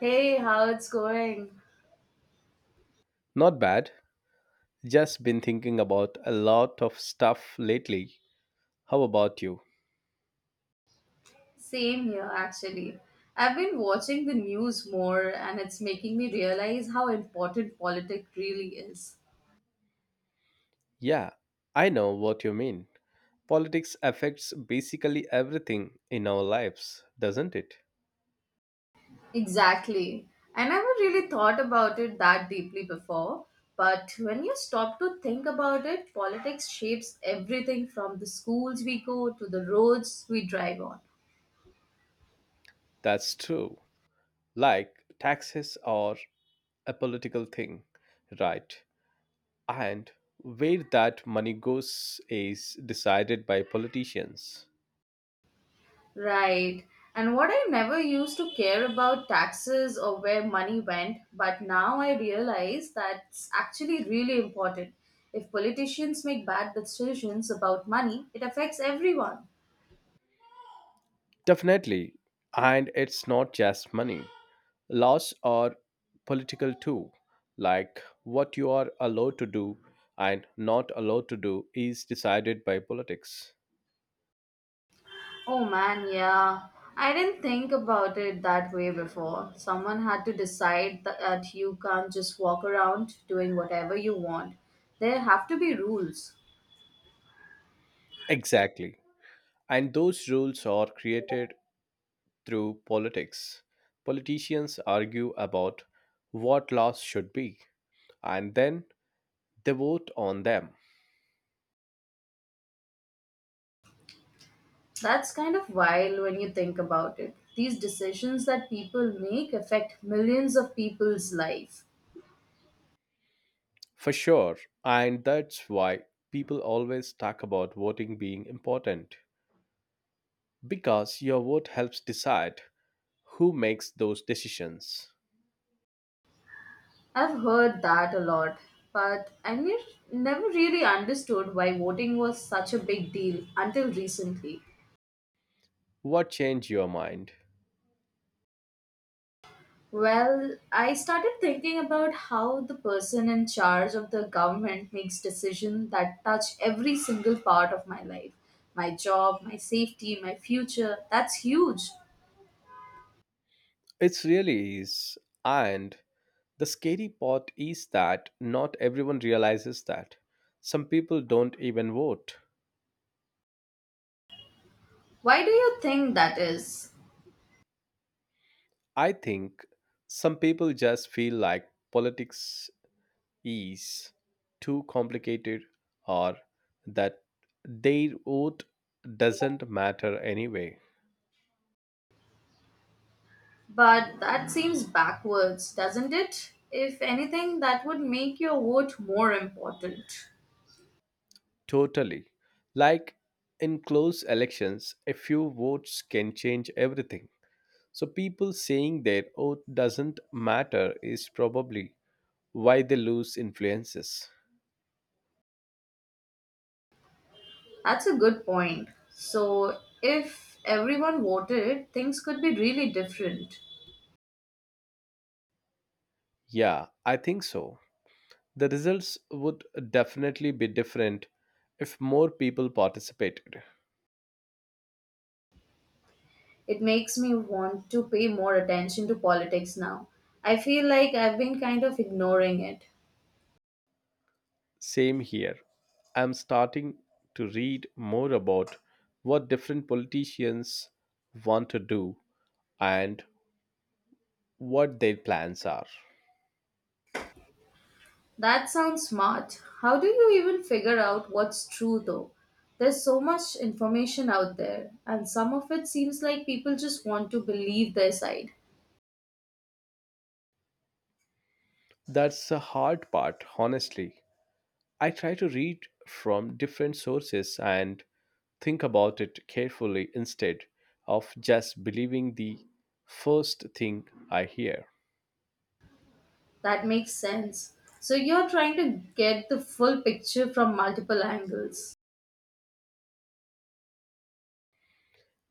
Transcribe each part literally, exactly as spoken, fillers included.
Hey, how it's going? Not bad. Just been thinking about a lot of stuff lately. How about you? Same here, actually. I've been watching the news more, and it's making me realize how important politics really is. Yeah, I know what you mean. Politics affects basically everything in our lives, doesn't it? Exactly. I never really thought about it that deeply before, but when you stop to think about it, politics shapes everything from the schools we go to the roads we drive on. That's true. Like taxes are a political thing, right? And where that money goes is decided by politicians. Right. And what I never used to care about taxes or where money went, but now I realize that's actually really important. If politicians make bad decisions about money, it affects everyone. Definitely. And it's not just money. Laws are political too, like what you are allowed to do and not allowed to do is decided by politics. Oh man, yeah. I didn't think about it that way before. Someone had to decide tha- that you can't just walk around doing whatever you want. There have to be rules. Exactly. And those rules are created through politics. Politicians argue about what laws should be, and then they vote on them. That's kind of wild when you think about it. These decisions that people make affect millions of people's life. For sure. And that's why people always talk about voting being important, because your vote helps decide who makes those decisions. I've heard that a lot, but I ne- never really understood why voting was such a big deal until recently. What changed your mind? Well, I started thinking about how the person in charge of the government makes decisions that touch every single part of my life. My job, my safety, my future. That's huge. It really is. And the scary part is that not everyone realizes that. Some people don't even vote. Why do you think that is? I think some people just feel like politics is too complicated or that their vote doesn't matter anyway. But that seems backwards, doesn't it? If anything, that would make your vote more important. Totally. Like in close elections, a few votes can change everything. So people saying their oath doesn't matter is probably why they lose influences. That's a good point. So, if everyone voted, things could be really different. Yeah, I think so. The results would definitely be different if more people participated. It makes me want to pay more attention to politics now. I feel like I've been kind of ignoring it. Same here. I'm starting to read more about what different politicians want to do and what their plans are. That sounds smart. How do you even figure out what's true though? There's so much information out there, and some of it seems like people just want to believe their side. That's the hard part, honestly. I try to read from different sources and think about it carefully instead of just believing the first thing I hear. That makes sense. So you're trying to get the full picture from multiple angles.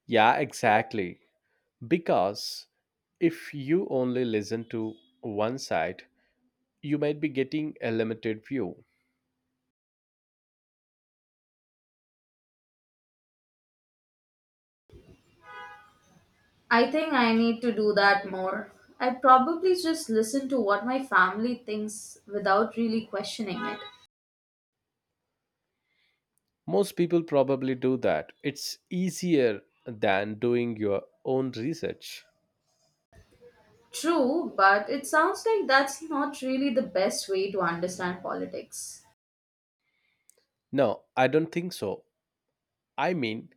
Yeah, exactly. Because if you only listen to one side, you might be getting a limited view. I think I need to do that more. I probably just listen to what my family thinks without really questioning it. Most people probably do that. It's easier than doing your own research. True, but it sounds like that's not really the best way to understand politics. No, I don't think so. I mean,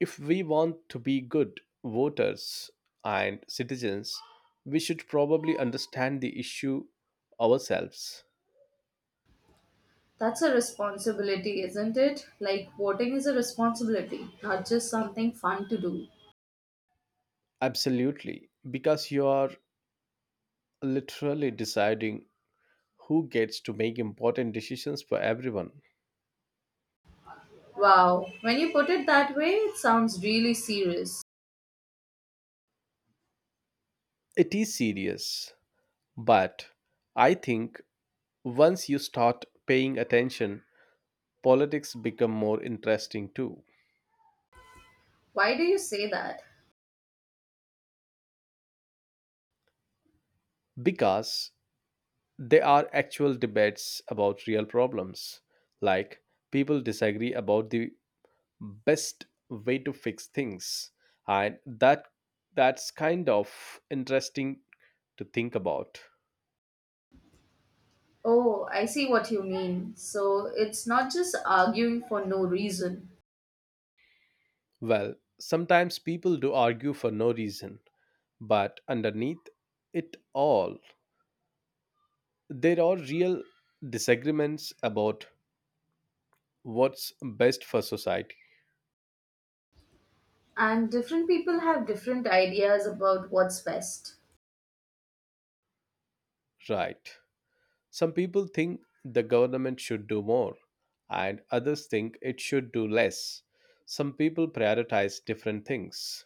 if we want to be good voters and citizens, we should probably understand the issue ourselves. That's a responsibility, isn't it? Like, voting is a responsibility, not just something fun to do. Absolutely, because you are literally deciding who gets to make important decisions for everyone. Wow, when you put it that way, it sounds really serious. It is serious, but I think once you start paying attention, politics become more interesting too. Why do you say that? Because they are actual debates about real problems, like people disagree about the best way to fix things, and that that's kind of interesting to think about. Oh, I see what you mean. So it's not just arguing for no reason. Well, sometimes people do argue for no reason, but underneath it all, there are real disagreements about what's best for society, And different people have different ideas about what's best, right? Some people think the government should do more, and others think it should do less. Some people prioritize different things.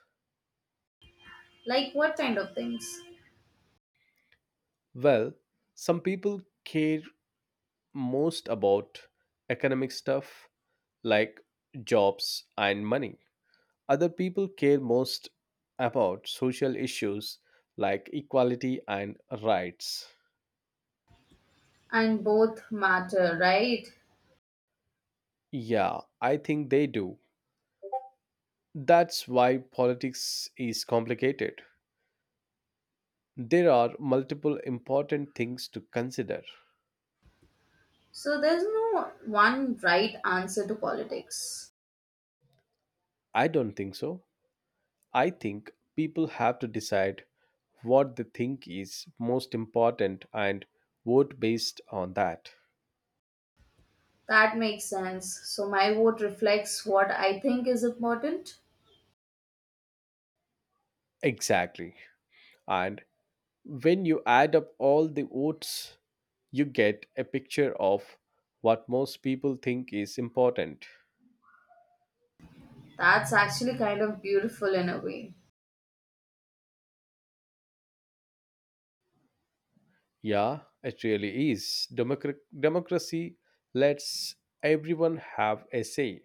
like what kind of things. Well, some people care most about economic stuff like jobs and money. Other people care most about social issues like equality and rights. And both matter, right? Yeah, I think they do. That's why politics is complicated. There are multiple important things to consider. So there's no one right answer to politics. I don't think so. I think people have to decide what they think is most important and vote based on that. That makes sense. So my vote reflects what I think is important. Exactly. And when you add up all the votes, you get a picture of what most people think is important. That's actually kind of beautiful in a way. Yeah, it really is. Democra- democracy lets everyone have a say.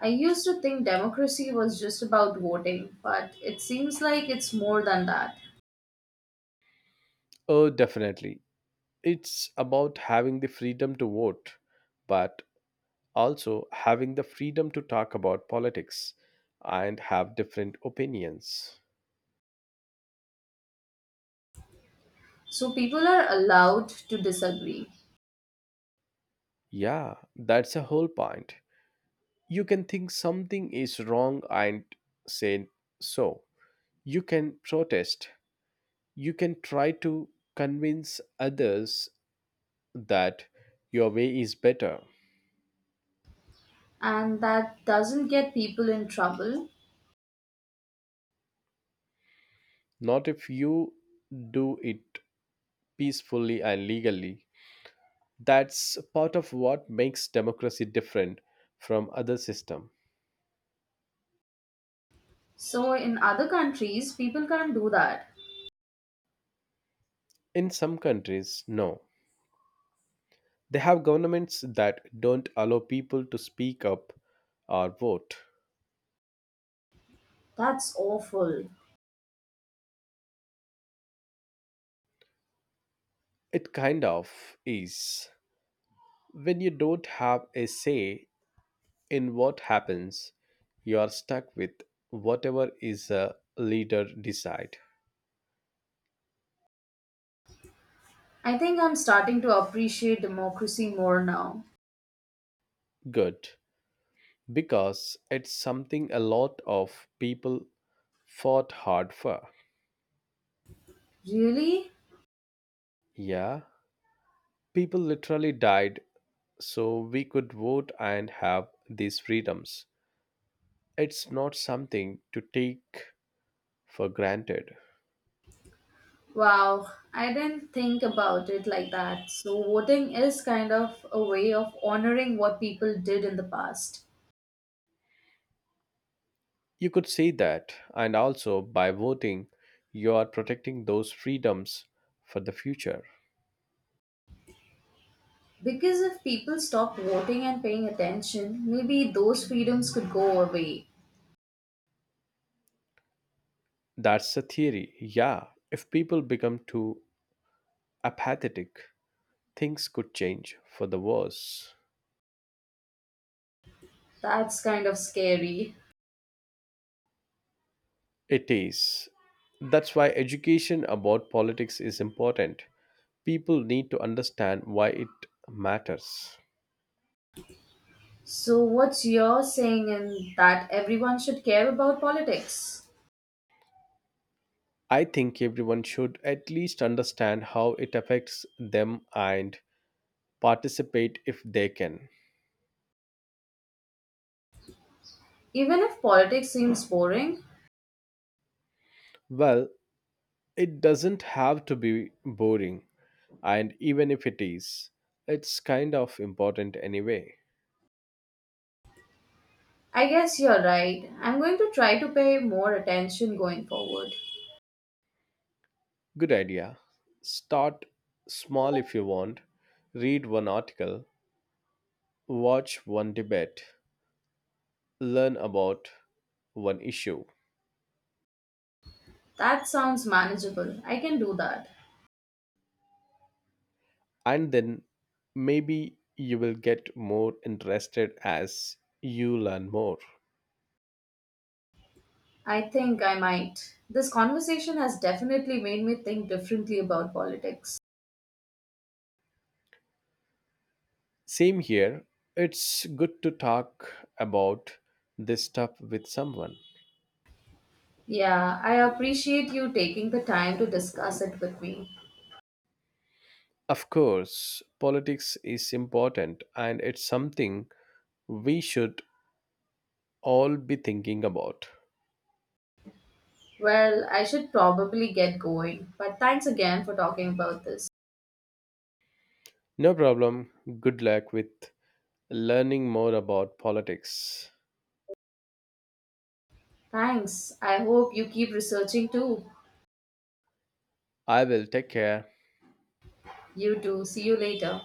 I used to think democracy was just about voting, but it seems like it's more than that. Oh, definitely. It's about having the freedom to vote, but also having the freedom to talk about politics and have different opinions. So people are allowed to disagree, Yeah, that's the whole point. You can think something is wrong and say so. You can protest. You can try to convince others that your way is better. and that doesn't get people in trouble. Not if you do it peacefully and legally. That's part of what makes democracy different from other system. So in other countries, people can't do that. In some countries, no. They have governments that don't allow people to speak up or vote. That's awful. It kind of is. When you don't have a say in what happens, you are stuck with whatever is a leader decide. I think I'm starting to appreciate democracy more now. Good, because it's something a lot of people fought hard for. Really? Yeah, people literally died so we could vote and have these freedoms. It's not something to take for granted. Wow, I didn't think about it like that. So voting is kind of a way of honoring what people did in the past. You could see that, and also by voting, you are protecting those freedoms for the future. Because if people stopped voting and paying attention, maybe those freedoms could go away. That's the theory. Yeah, if people become too apathetic, things could change for the worse. That's kind of scary. It is. That's why education about politics is important. People need to understand why it matters. So, what's your saying in that everyone should care about politics? I think everyone should at least understand how it affects them and participate if they can. Even if politics seems boring? Well, it doesn't have to be boring, and even if it is, it's kind of important anyway. I guess you're right. I'm going to try to pay more attention going forward. Good idea. Start small if you want. Read one article, watch one debate, learn about one issue. That sounds manageable. I can do that. And then maybe you will get more interested as you learn more. I think I might. This conversation has definitely made me think differently about politics. Same here, it's good to talk about this stuff with someone. Yeah, I appreciate you taking the time to discuss it with me. Of course, politics is important and it's something we should all be thinking about. Well, I should probably get going, but thanks again for talking about this. No problem, good luck with learning more about politics. Thanks. I hope you keep researching too. I will take care. You too. See you later.